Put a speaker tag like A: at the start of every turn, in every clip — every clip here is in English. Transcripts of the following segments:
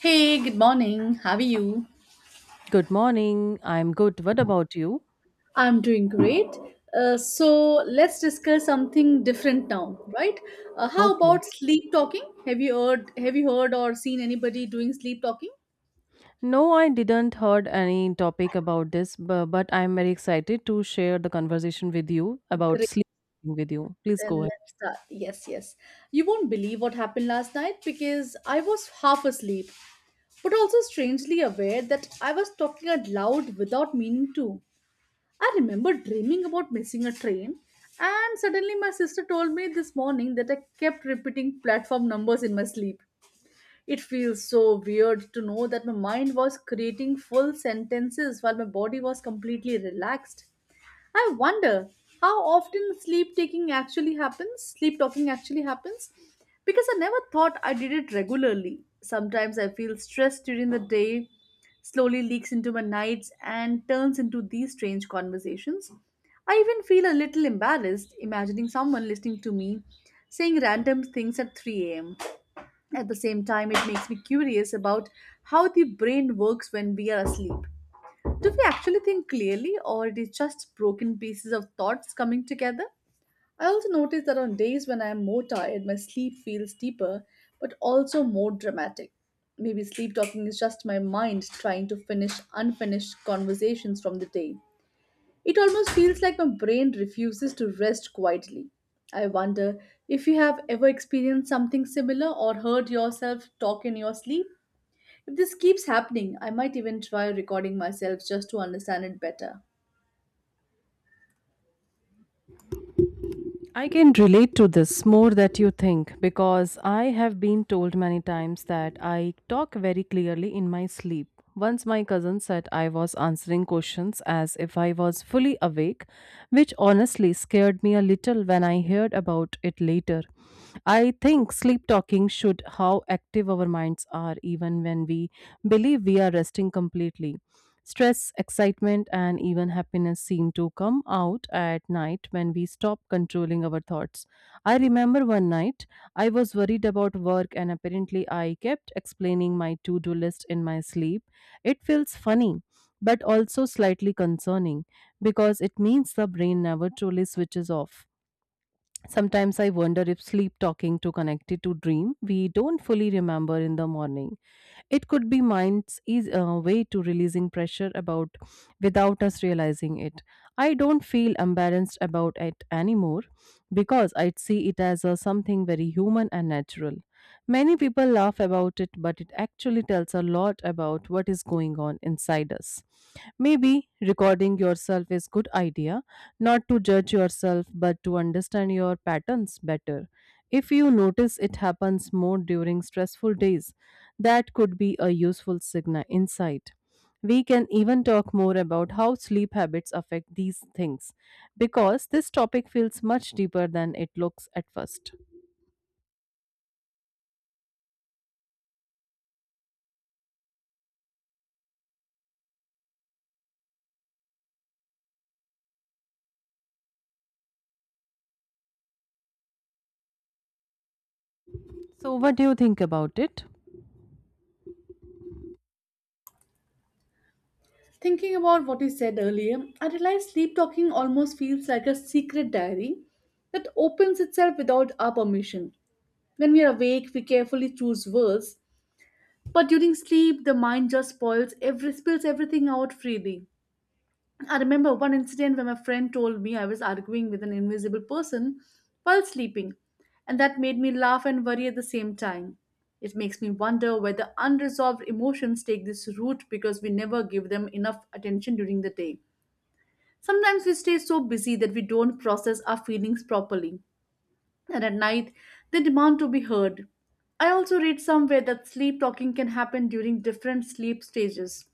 A: Hey, good morning. How are you?
B: Good morning. I'm good. What about you?
A: I'm doing great. So let's discuss something different now, right? How
B: Okay.
A: about sleep talking? Have you heard? Have you heard or seen anybody doing sleep talking?
B: No, I didn't heard any topic about this, but I'm very excited to share the conversation with you about
A: Great.
B: sleep with you. Please
A: Then
B: go ahead.
A: let's start. Yes. You won't believe what happened last night because I was half asleep, but also strangely aware that I was talking out loud without meaning to. I remember dreaming about missing a train, and suddenly my sister told me this morning that I kept repeating platform numbers in my sleep. It feels so weird to know that my mind was creating full sentences while my body was completely relaxed. I wonder how often sleep talking actually happens, because I never thought I did it regularly. Sometimes I feel stressed during the day, slowly leaks into my nights, and turns into these strange conversations. I even feel a little embarrassed imagining someone listening to me saying random things at 3 a.m. At the same time, it makes me curious about how the brain works when we are asleep. Do we actually think clearly, or it is just broken pieces of thoughts coming together? I also notice that on days when I am more tired, my sleep feels deeper, but also more dramatic. Maybe sleep talking is just my mind trying to finish unfinished conversations from the day. It almost feels like my brain refuses to rest quietly. I wonder if you have ever experienced something similar or heard yourself talk in your sleep. If this keeps happening, I might even try recording myself just to understand it better.
B: I can relate to this more than you think because I have been told many times that I talk very clearly in my sleep. Once my cousin said I was answering questions as if I was fully awake, which honestly scared me a little when I heard about it later. I think sleep talking should how active our minds are even when we believe we are resting completely. Stress, excitement, and even happiness seem to come out at night when we stop controlling our thoughts. I remember one night I was worried about work, and apparently I kept explaining my to do list in my sleep. It feels funny, but also slightly concerning because it means the brain never truly switches off. Sometimes I wonder if sleep talking to connected to dream we don't fully remember in the morning. It could be mind's eas way to releasing pressure about without us realizing it. I don't feel embarrassed about it anymore because I see it as a something very human and natural. Many people laugh about it, but it actually tells a lot about what is going on inside us. Maybe recording yourself is good idea not to judge yourself but to understand your patterns better. If you notice it happens more during stressful days, that could be a useful signal insight. We can even talk more about how sleep habits affect these things because this topic feels much deeper than it looks at first. So, what do you think about it?
A: Thinking about what you said earlier, I realize sleep talking almost feels like a secret diary that opens itself without our permission. When we are awake, we carefully choose words, but during sleep, the mind just spoils every spills everything out freely. I remember one incident where my friend told me I was arguing with an invisible person while sleeping, and that made me laugh and worry at the same time. It makes me wonder whether unresolved emotions take this route because we never give them enough attention during the day. Sometimes we stay so busy that we don't process our feelings properly, and at night they demand to be heard. I also read somewhere that sleep talking can happen during different sleep stages,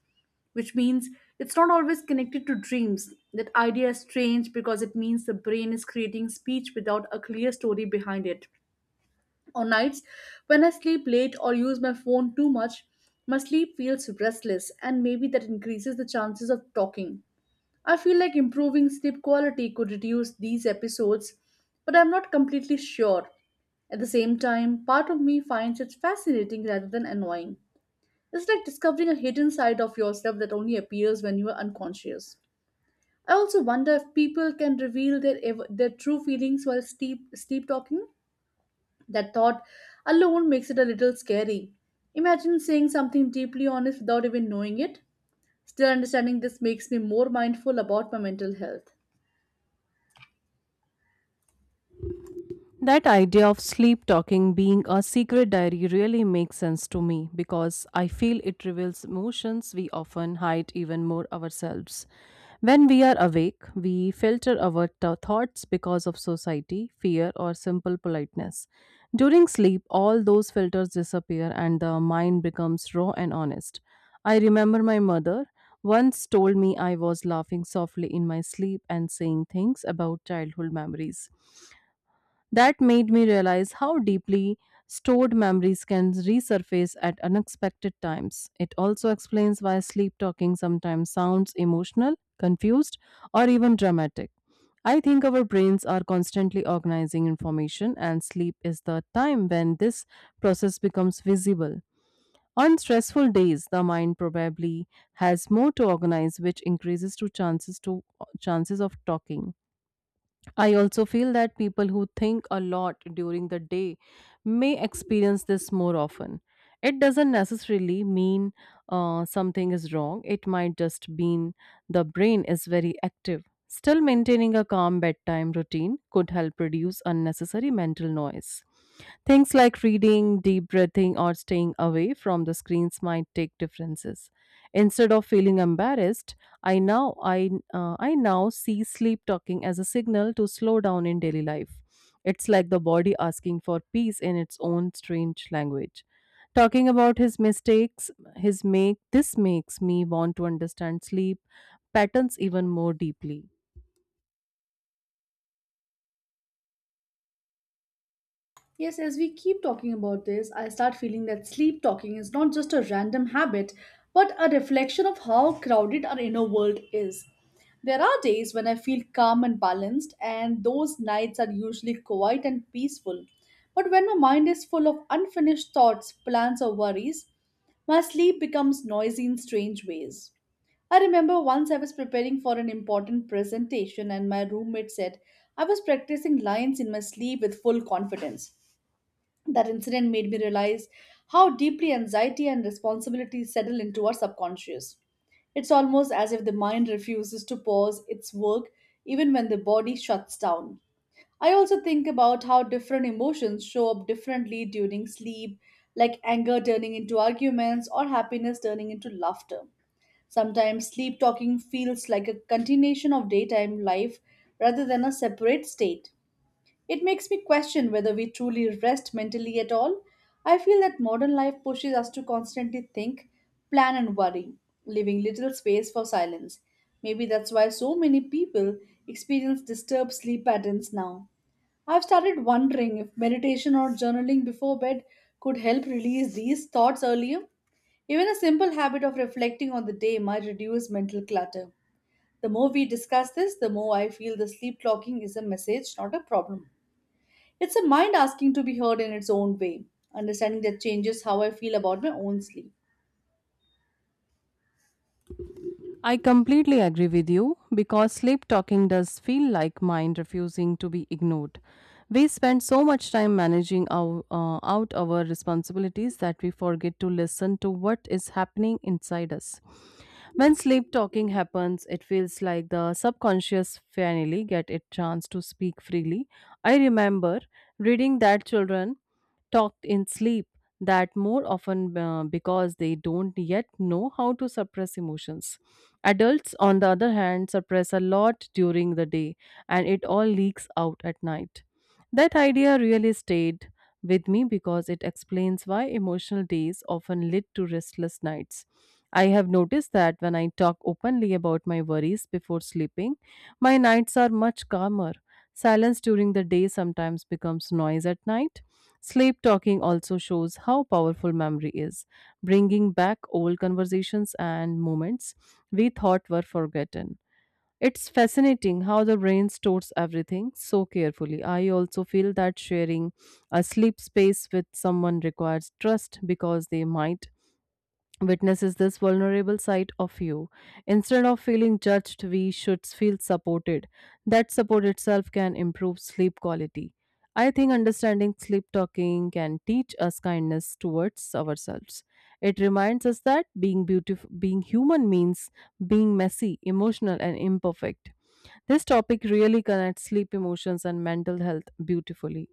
A: which means it's not always connected to dreams. That idea is strange because it means the brain is creating speech without a clear story behind it. On nights when I sleep late or use my phone too much, my sleep feels restless, and maybe that increases the chances of talking. I feel like improving sleep quality could reduce these episodes, but I'm not completely sure. At the same time, part of me finds it fascinating rather than annoying. It's like discovering a hidden side of yourself that only appears when you are unconscious. I also wonder if people can reveal their true feelings while sleep talking. That thought alone makes it a little scary. Imagine saying something deeply honest without even knowing it. Still, understanding this makes me more mindful about my mental health.
B: That idea of sleep talking being a secret diary really makes sense to me because I feel it reveals emotions we often hide even more ourselves. When we are awake, we filter our thoughts because of society, fear, or simple politeness. During sleep, all those filters disappear and the mind becomes raw and honest. I remember my mother once told me I was laughing softly in my sleep and saying things about childhood memories that made me realize how deeply stored memories can resurface at unexpected times. It also explains why sleep talking sometimes sounds emotional, confused, or even dramatic. I think our brains are constantly organizing information, and sleep is the time when this process becomes visible. On stressful days, the mind probably has more to organize, which increases to chances of talking. I also feel that people who think a lot during the day may experience this more often. It doesn't necessarily mean something is wrong, it might just mean the brain is very active. Still, maintaining a calm bedtime routine could help reduce unnecessary mental noise. Things like reading, deep breathing, or staying away from the screens might take differences. Instead of feeling embarrassed, I now see sleep talking as a signal to slow down in daily life. It's like the body asking for peace in its own strange language. Talking about his mistakes, his make this makes me want to understand sleep patterns even more deeply.
A: Yes, as we keep talking about this, I start feeling that sleep talking is not just a random habit, but a reflection of how crowded our inner world is. There are days when I feel calm and balanced, and those nights are usually quiet and peaceful. But when my mind is full of unfinished thoughts, plans, or worries, my sleep becomes noisy in strange ways. I remember once I was preparing for an important presentation, and my roommate said I was practicing lines in my sleep with full confidence. That incident made me realize how deeply anxiety and responsibility settle into our subconscious. It's almost as if the mind refuses to pause its work even when the body shuts down. I also think about how different emotions show up differently during sleep, like anger turning into arguments or happiness turning into laughter. Sometimes sleep talking feels like a continuation of daytime life rather than a separate state. It makes me question whether we truly rest mentally at all. I feel that modern life pushes us to constantly think, plan, and worry, leaving little space for silence. Maybe that's why so many people experience disturbed sleep patterns now. I've started wondering if meditation or journaling before bed could help release these thoughts earlier. Even a simple habit of reflecting on the day might reduce mental clutter. The more we discuss this, the more I feel the sleep clocking is a message, not a problem. It's a mind asking to be heard in its own way. Understanding that changes how I feel about my own sleep.
B: I completely agree with you because sleep talking does feel like mind refusing to be ignored. We spend so much time managing our responsibilities that we forget to listen to what is happening inside us. When sleep talking happens, it feels like the subconscious finally get a chance to speak freely. I remember reading that children talked in sleep that more often because they don't yet know how to suppress emotions. Adults, on the other hand, suppress a lot during the day and it all leaks out at night. That idea really stayed with me because it explains why emotional days often lead to restless nights. I have noticed that when I talk openly about my worries before sleeping, my nights are much calmer. Silence during the day sometimes becomes noise at night. Sleep talking also shows how powerful memory is, bringing back old conversations and moments we thought were forgotten. It's fascinating how the brain stores everything so carefully. I also feel that sharing a sleep space with someone requires trust because they might witnesses this vulnerable side of you. Instead of feeling judged, we should feel supported. That support itself can improve sleep quality. I think understanding sleep talking can teach us kindness towards ourselves. It reminds us that being beautiful, being human means being messy, emotional, and imperfect. This topic really connects sleep emotions and mental health beautifully.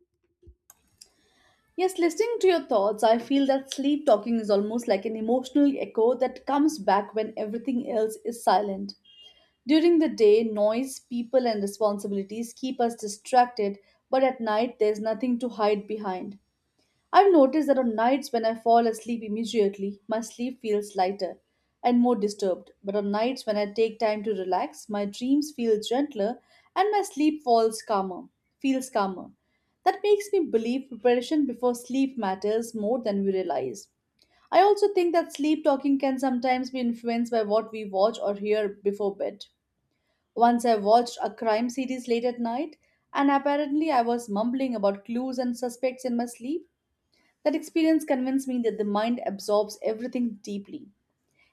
A: Yes, listening to your thoughts, I feel that sleep talking is almost like an emotional echo that comes back when everything else is silent. During the day, noise, people, and responsibilities keep us distracted, but at night, there's nothing to hide behind. I've noticed that on nights when I fall asleep immediately, my sleep feels lighter and more disturbed. But on nights when I take time to relax, my dreams feel gentler and my sleep falls calmer, feels calmer. That makes me believe preparation before sleep matters more than we realize. I also think that sleep talking can sometimes be influenced by what we watch or hear before bed. Once I watched a crime series late at night, and apparently I was mumbling about clues and suspects in my sleep. That experience convinced me that the mind absorbs everything deeply.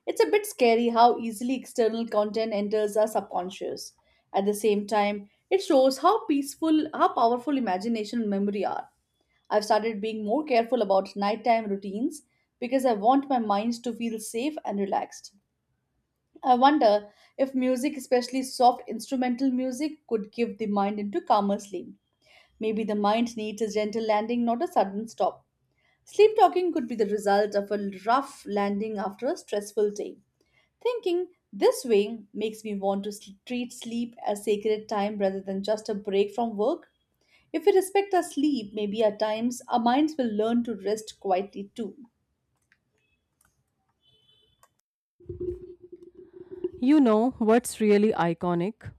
A: It's a bit scary how easily external content enters our subconscious. At the same time, it shows how powerful imagination and memory are. I've started being more careful about nighttime routines because I want my mind to feel safe and relaxed. I wonder if music, especially soft instrumental music, could give the mind into calmer sleep. Maybe the mind needs a gentle landing, not a sudden stop. Sleep talking could be the result of a rough landing after a stressful day. Thinking this way makes me want to treat sleep as sacred time rather than just a break from work. If we respect our sleep, maybe at times our minds will learn to rest quietly too.
B: You know what's really iconic?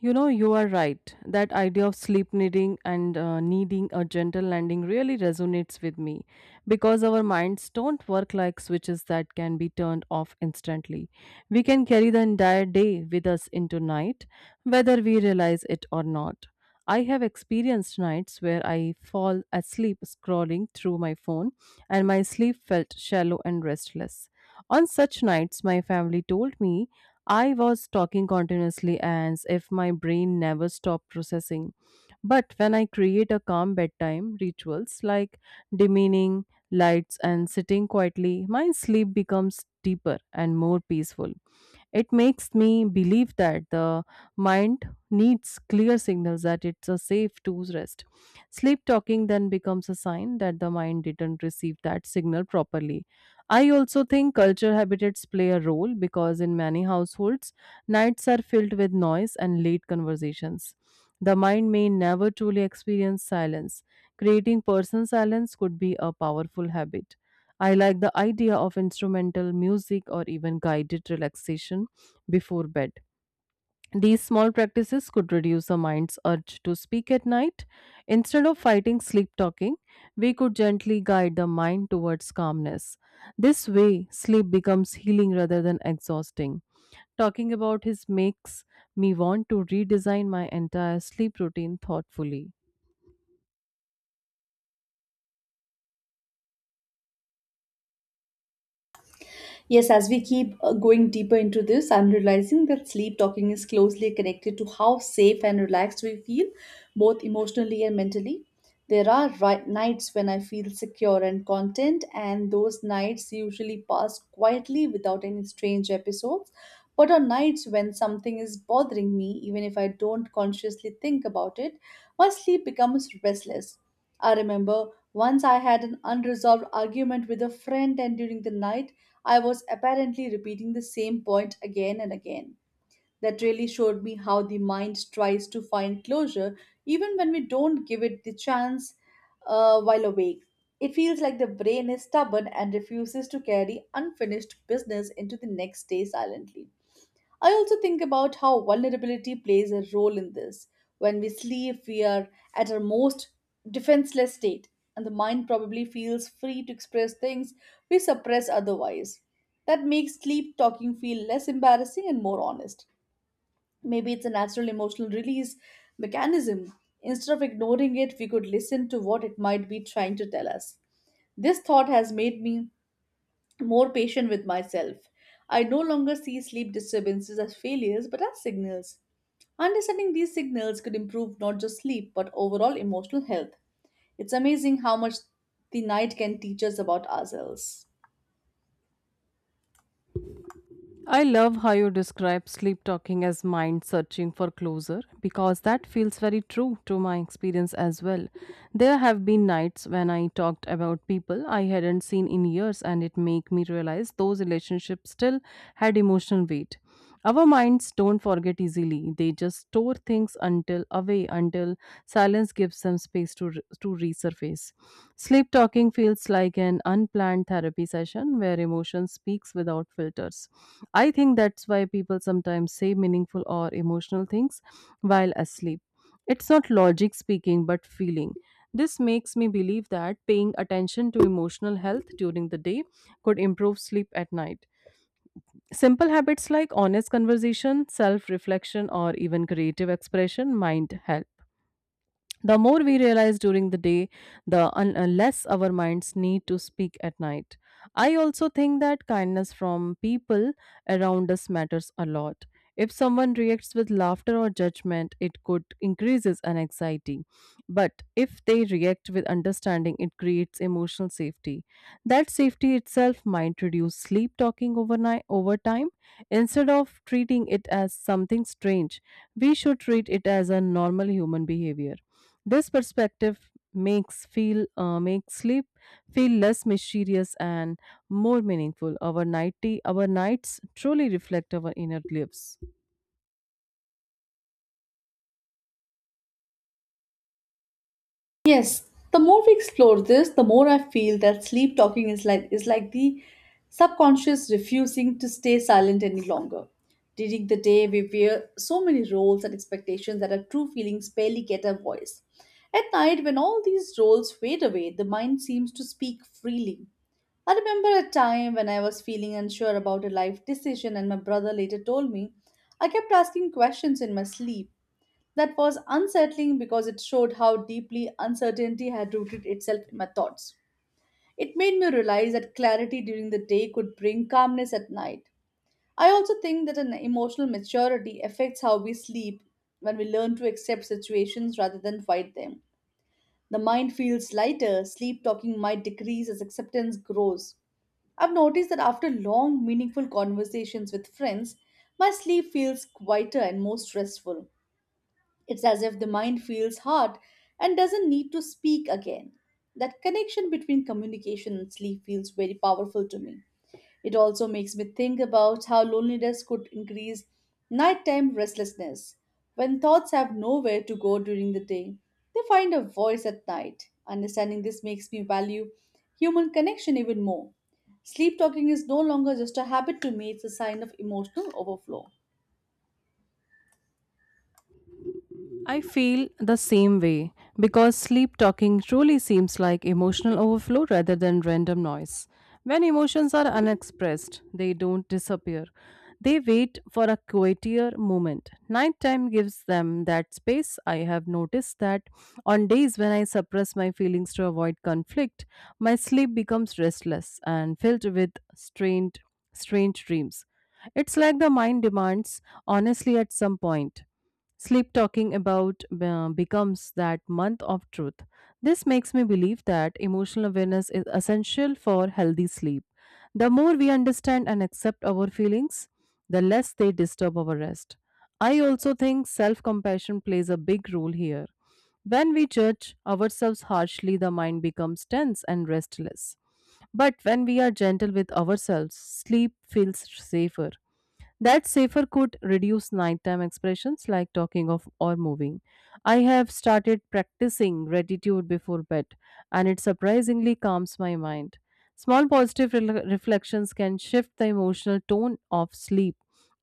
B: You know, you are right. That idea of sleep needing a gentle landing really resonates with me because our minds don't work like switches that can be turned off instantly. We can carry the entire day with us into night, whether we realize it or not. I have experienced nights where I fall asleep scrolling through my phone and my sleep felt shallow and restless. On such nights, my family told me I was talking continuously as if my brain never stopped processing. But when I create a calm bedtime rituals like dimming lights and sitting quietly, my sleep becomes deeper and more peaceful. It makes me believe that the mind needs clear signals that it's a safe to rest. Sleep talking then becomes a sign that the mind didn't receive that signal properly. I also think culture habitats play a role because in many households, nights are filled with noise and late conversations. The mind may never truly experience silence. Creating personal silence could be a powerful habit. I like the idea of instrumental music or even guided relaxation before bed. These small practices could reduce the mind's urge to speak at night. Instead of fighting sleep talking, we could gently guide the mind towards calmness. This way, sleep becomes healing rather than exhausting. Talking about his makes me want to redesign my entire sleep routine thoughtfully.
A: Yes, as we keep going deeper into this, I'm realizing that sleep talking is closely connected to how safe and relaxed we feel, both emotionally and mentally. There are nights when I feel secure and content, and those nights usually pass quietly without any strange episodes. But on nights when something is bothering me, even if I don't consciously think about it, my sleep becomes restless. I remember once I had an unresolved argument with a friend, and during the night, I was apparently repeating the same point again and again. That really showed me how the mind tries to find closure even when we don't give it the chance while awake. It feels like the brain is stubborn and refuses to carry unfinished business into the next day silently. I also think about how vulnerability plays a role in this. When we sleep, we are at our most defenseless state, and the mind probably feels free to express things we suppress otherwise. That makes sleep talking feel less embarrassing and more honest. Maybe it's a natural emotional release mechanism. Instead of ignoring it, we could listen to what it might be trying to tell us. This thought has made me more patient with myself. I no longer see sleep disturbances as failures but as signals. Understanding these signals could improve not just sleep but overall emotional health. It's amazing how much the night can teach us about ourselves.
B: I love how you describe sleep talking as mind searching for closure because that feels very true to my experience as well. There have been nights when I talked about people I hadn't seen in years and it made me realize those relationships still had emotional weight. Our minds don't forget easily. They just store things until away until silence gives them space to resurface. Sleep talking feels like an unplanned therapy session where emotion speaks without filters. I think that's why people sometimes say meaningful or emotional things while asleep. It's not logic speaking but feeling. This makes me believe that paying attention to emotional health during the day could improve sleep at night. Simple habits like honest conversation, self reflection, or even creative expression might help. The more we realize during the day, the less our minds need to speak at night. I also think that kindness from people around us matters a lot. If someone reacts with laughter or judgment, it could increases an anxiety. But if they react with understanding, it creates emotional safety. That safety itself might reduce sleep talking overnight over time. Instead of treating it as something strange, we should treat it as a normal human behavior. This perspective makes sleep feel less mysterious and more meaningful. Our nights truly reflect our inner lives.
A: Yes, the more we explore this, the more I feel that sleep talking is like the subconscious refusing to stay silent any longer. During the day, we wear so many roles and expectations that our true feelings barely get a voice. At night, when all these roles fade away, the mind seems to speak freely. I remember a time when I was feeling unsure about a life decision, and my brother later told me I kept asking questions in my sleep. That was unsettling because it showed how deeply uncertainty had rooted itself in my thoughts. It made me realize that clarity during the day could bring calmness at night. I also think that an emotional maturity affects how we sleep when we learn to accept situations rather than fight them. The mind feels lighter, sleep talking might decrease as acceptance grows. I've noticed that after long, meaningful conversations with friends, my sleep feels quieter and more stressful. It's as if the mind feels hot and doesn't need to speak again. That connection between communication and sleep feels very powerful to me. It also makes me think about how loneliness could increase nighttime restlessness. When thoughts have nowhere to go during the day, they find a voice at night. Understanding this makes me value human connection even more. Sleep talking is no longer just a habit to me, it's a sign of emotional overflow.
B: I feel the same way because sleep talking truly seems like emotional overflow rather than random noise. When emotions are unexpressed, they don't disappear. They wait for a quieter moment. Nighttime gives them that space. I have noticed that on days when I suppress my feelings to avoid conflict, my sleep becomes restless and filled with strange dreams. It's like the mind demands honestly at some point. Sleep talking about becomes that month of truth. This makes me believe that emotional awareness is essential for healthy sleep. The more we understand and accept our feelings, the less they disturb our rest. I also think self compassion plays a big role here. When we judge ourselves harshly, the mind becomes tense and restless. But when we are gentle with ourselves, sleep feels safer. That safer could reduce nighttime expressions like talking of or moving. I have started practicing gratitude before bed, and it surprisingly calms my mind. Small positive reflections can shift the emotional tone of sleep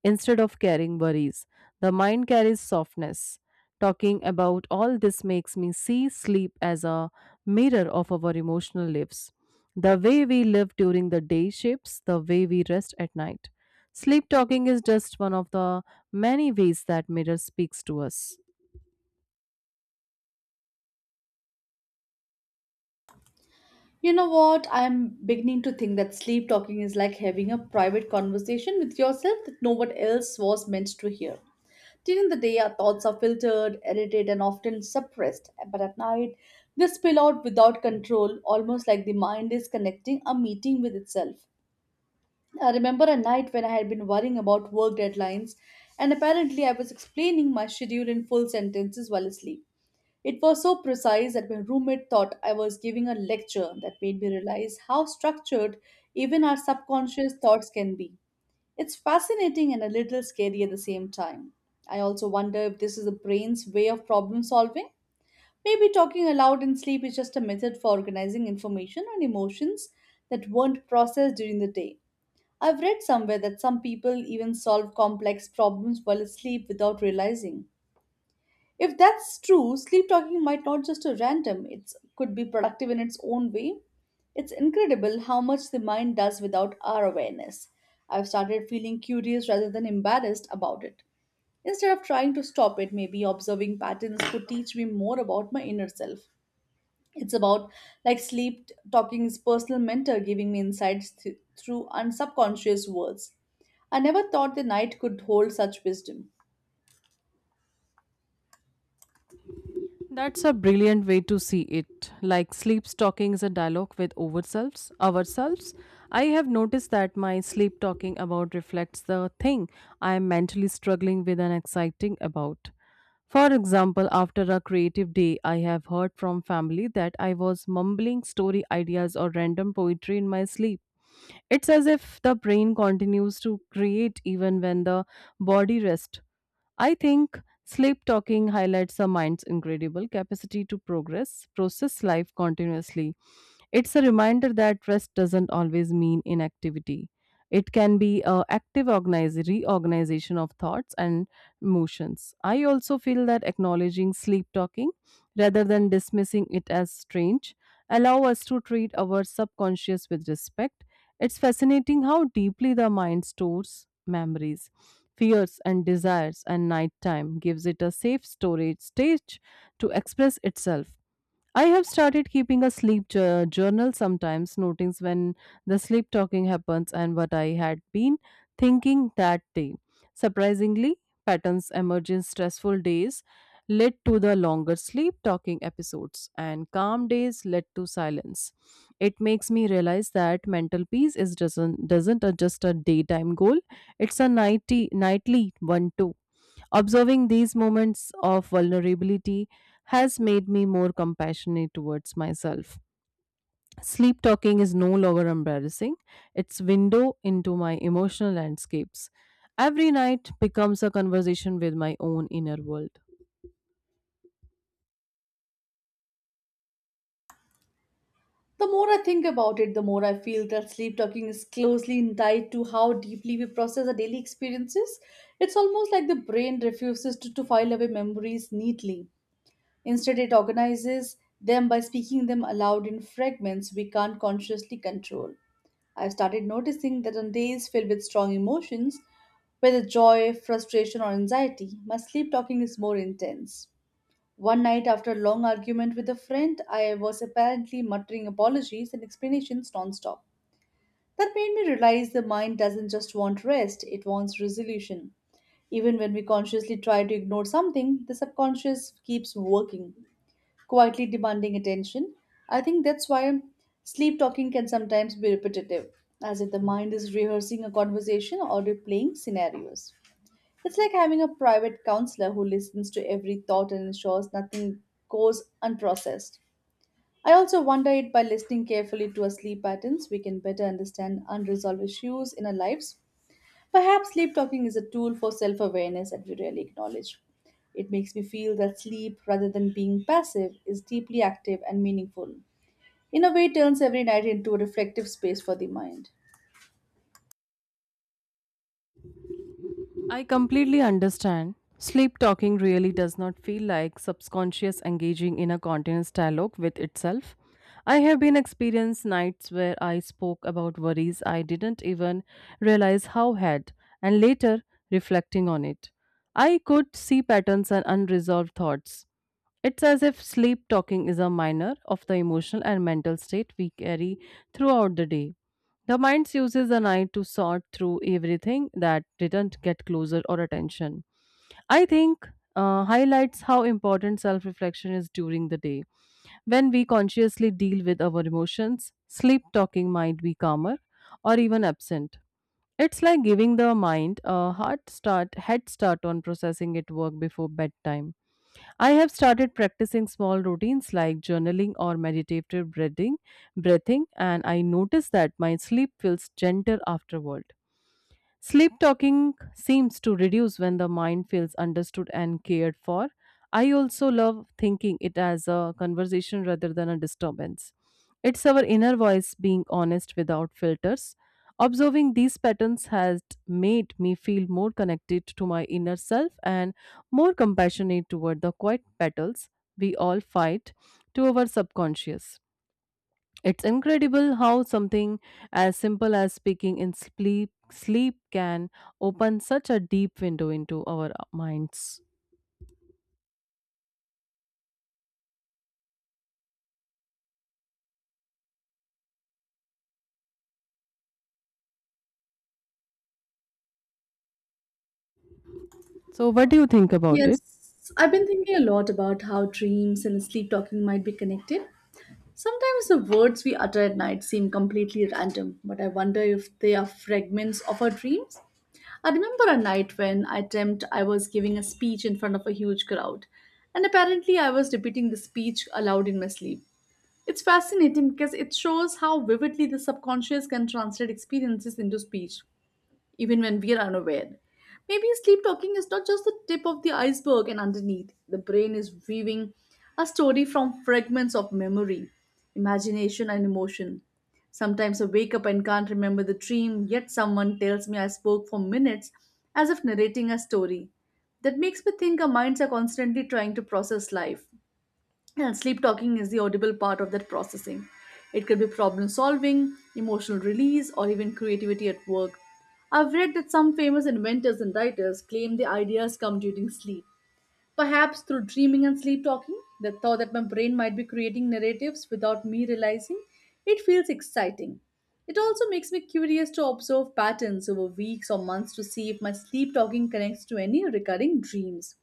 B: instead of carrying worries. The mind carries softness. Talking about all this makes me see sleep as a mirror of our emotional lives. The way we live during the day shapes the way we rest at night. Sleep talking is just one of the many ways that mirror speaks to us.
A: You know what? I'm beginning to think that sleep talking is like having a private conversation with yourself that no one else was meant to hear. During the day, our thoughts are filtered, edited, and often suppressed, but at night, they spill out without control, almost like the mind is connecting a meeting with itself. I remember a night when I had been worrying about work deadlines, and apparently, I was explaining my schedule in full sentences while asleep. It was so precise that my roommate thought I was giving a lecture that made me realize how structured even our subconscious thoughts can be. It's fascinating and a little scary at the same time. I also wonder if this is the brain's way of problem solving. Maybe talking aloud in sleep is just a method for organizing information and emotions that weren't processed during the day. I've read somewhere that some people even solve complex problems while asleep without realizing. If that's true, sleep talking might not just a random, it could be productive in its own way. It's incredible how much the mind does without our awareness. I've started feeling curious rather than embarrassed about it. Instead of trying to stop it, maybe observing patterns could teach me more about my inner self. It's about like sleep talking's personal mentor giving me insights through unsubconscious words. I never thought the night could hold such wisdom.
B: That's a brilliant way to see it. Like sleep talking is a dialogue with ourselves. I have noticed that my sleep talking about reflects the thing I am mentally struggling with and exciting about. For example, after a creative day, I have heard from family that I was mumbling story ideas or random poetry in my sleep. It's as if the brain continues to create even when the body rests. I think sleep talking highlights the mind's incredible capacity to progress, process life continuously. It's a reminder that rest doesn't always mean inactivity. It can be a active organize, reorganization of thoughts and emotions. I also feel that acknowledging sleep talking rather than dismissing it as strange allow us to treat our subconscious with respect. It's fascinating how deeply the mind stores memories, fears and desires and nighttime gives it a safe storage stage to express itself. I have started keeping a sleep journal sometimes, noting when the sleep talking happens and what I had been thinking that day. Surprisingly, patterns emerge in stressful days led to the longer sleep talking episodes, and calm days led to silence. It makes me realize that mental peace is doesn't just a daytime goal; it's a nightly one too. Observing these moments of vulnerability has made me more compassionate towards myself. Sleep talking is no longer embarrassing. It's window into my emotional landscapes. Every night becomes a conversation with my own inner world.
A: The more I think about it, the more I feel that sleep talking is closely tied to how deeply we process our daily experiences. It's almost like the brain refuses to file away memories neatly. Instead, it organizes them by speaking them aloud in fragments we can't consciously control. I've started noticing that on days filled with strong emotions, whether joy, frustration, or anxiety, my sleep talking is more intense. One night, after a long argument with a friend, I was apparently muttering apologies and explanations nonstop. That made me realize the mind doesn't just want rest, it wants resolution. Even when we consciously try to ignore something, the subconscious keeps working, quietly demanding attention. I think that's why sleep talking can sometimes be repetitive, as if the mind is rehearsing a conversation or replaying scenarios. It's like having a private counselor who listens to every thought and ensures nothing goes unprocessed. I also wonder if by listening carefully to our sleep patterns, we can better understand unresolved issues in our lives. Perhaps sleep talking is a tool for self awareness that we rarely acknowledge. It makes me feel that sleep, rather than being passive, is deeply active and meaningful. In a way, it turns every night into a reflective space for the mind.
B: I completely understand. Sleep talking really does not feel like subconscious engaging in a continuous dialogue with itself. I have been experienced nights where I spoke about worries I didn't even realize how had, and later reflecting on it. I could see patterns and unresolved thoughts. It's as if sleep talking is a minor of the emotional and mental state we carry throughout the day. The mind uses the night to sort through everything that didn't get closer or attention. I think highlights how important self reflection is during the day. When we consciously deal with our emotions, sleep talking might be calmer or even absent. It's like giving the mind a head start on processing its work before bedtime. I have started practicing small routines like journaling or meditative breathing, and I notice that my sleep feels gentle afterward. Sleep talking seems to reduce when the mind feels understood and cared for. I also love thinking it as a conversation rather than a disturbance. It's our inner voice being honest without filters. Observing these patterns has made me feel more connected to my inner self and more compassionate toward the quiet battles we all fight to our subconscious. It's incredible how something as simple as speaking in sleep can open such a deep window into our minds. So what do you think about it?
A: Yes, I've been thinking a lot about how dreams and sleep talking might be connected. Sometimes the words we utter at night seem completely random, but I wonder if they are fragments of our dreams. I remember a night when I dreamt I was giving a speech in front of a huge crowd, and apparently I was repeating the speech aloud in my sleep. It's fascinating because it shows how vividly the subconscious can translate experiences into speech even when we are unaware. Maybe sleep talking is not just the tip of the iceberg, and underneath, the brain is weaving a story from fragments of memory, imagination, and emotion. Sometimes I wake up and can't remember the dream, yet someone tells me I spoke for minutes as if narrating a story. That makes me think our minds are constantly trying to process life. And sleep talking is the audible part of that processing. It could be problem solving, emotional release, or even creativity at work. I've read that some famous inventors and writers claim the ideas come during sleep. Perhaps through dreaming and sleep talking, the thought that my brain might be creating narratives without me realizing, it feels exciting. It also makes me curious to observe patterns over weeks or months to see if my sleep talking connects to any recurring dreams.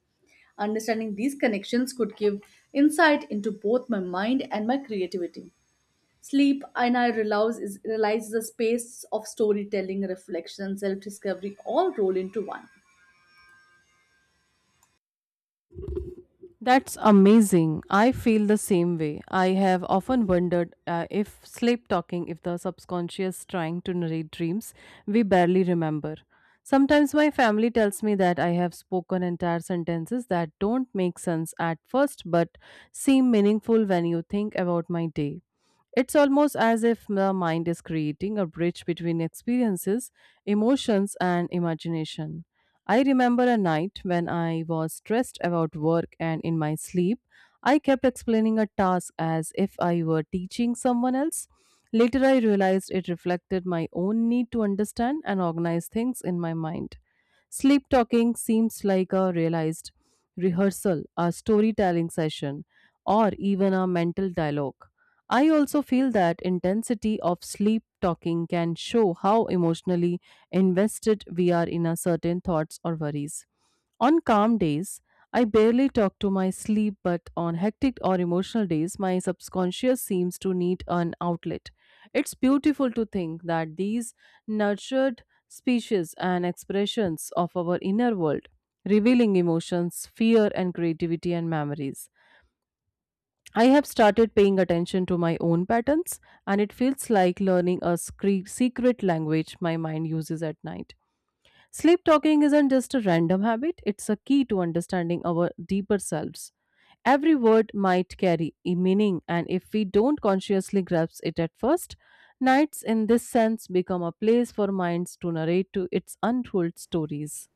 A: Understanding these connections could give insight into both my mind and my creativity. Sleep, and I realize, is a space of storytelling, reflection, and self discovery all rolled into one.
B: That's amazing. I feel the same way. I have often wondered if sleep talking, if the subconscious trying to narrate dreams we barely remember. Sometimes my family tells me that I have spoken entire sentences that don't make sense at first but seem meaningful when you think about my day. It's almost as if the mind is creating a bridge between experiences, emotions, and imagination. I remember a night when I was stressed about work, and in my sleep, I kept explaining a task as if I were teaching someone else. Later, I realized it reflected my own need to understand and organize things in my mind. Sleep talking seems like a realized rehearsal, a storytelling session, or even a mental dialogue. I also feel that intensity of sleep talking can show how emotionally invested we are in a certain thoughts or worries. On calm days, I barely talk to my sleep, but on hectic or emotional days, my subconscious seems to need an outlet. It's beautiful to think that these nurtured species and expressions of our inner world, revealing emotions, fear, and creativity and memories. I have started paying attention to my own patterns, and it feels like learning a secret language my mind uses at night. Sleep talking isn't just a random habit, it's a key to understanding our deeper selves. Every word might carry a meaning, and if we don't consciously grasp it at first, nights in this sense become a place for minds to narrate to its untold stories.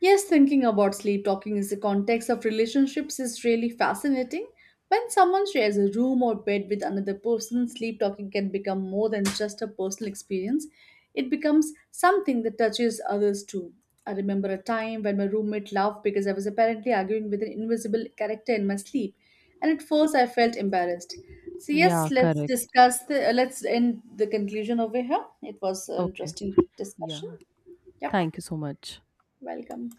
A: Yes, thinking about sleep talking in the context of relationships is really fascinating. When someone shares a room or bed with another person, sleep talking can become more than just a personal experience. It becomes something that touches others too. I remember a time when my roommate laughed because I was apparently arguing with an invisible character in my sleep, and at first I felt embarrassed. So
B: Yeah,
A: yes, let's
B: correct.
A: discuss the let's end the conclusion over here. It was an
B: Okay.
A: interesting
B: Yeah.
A: discussion. Yeah,
B: Thank you so much.
A: welcome.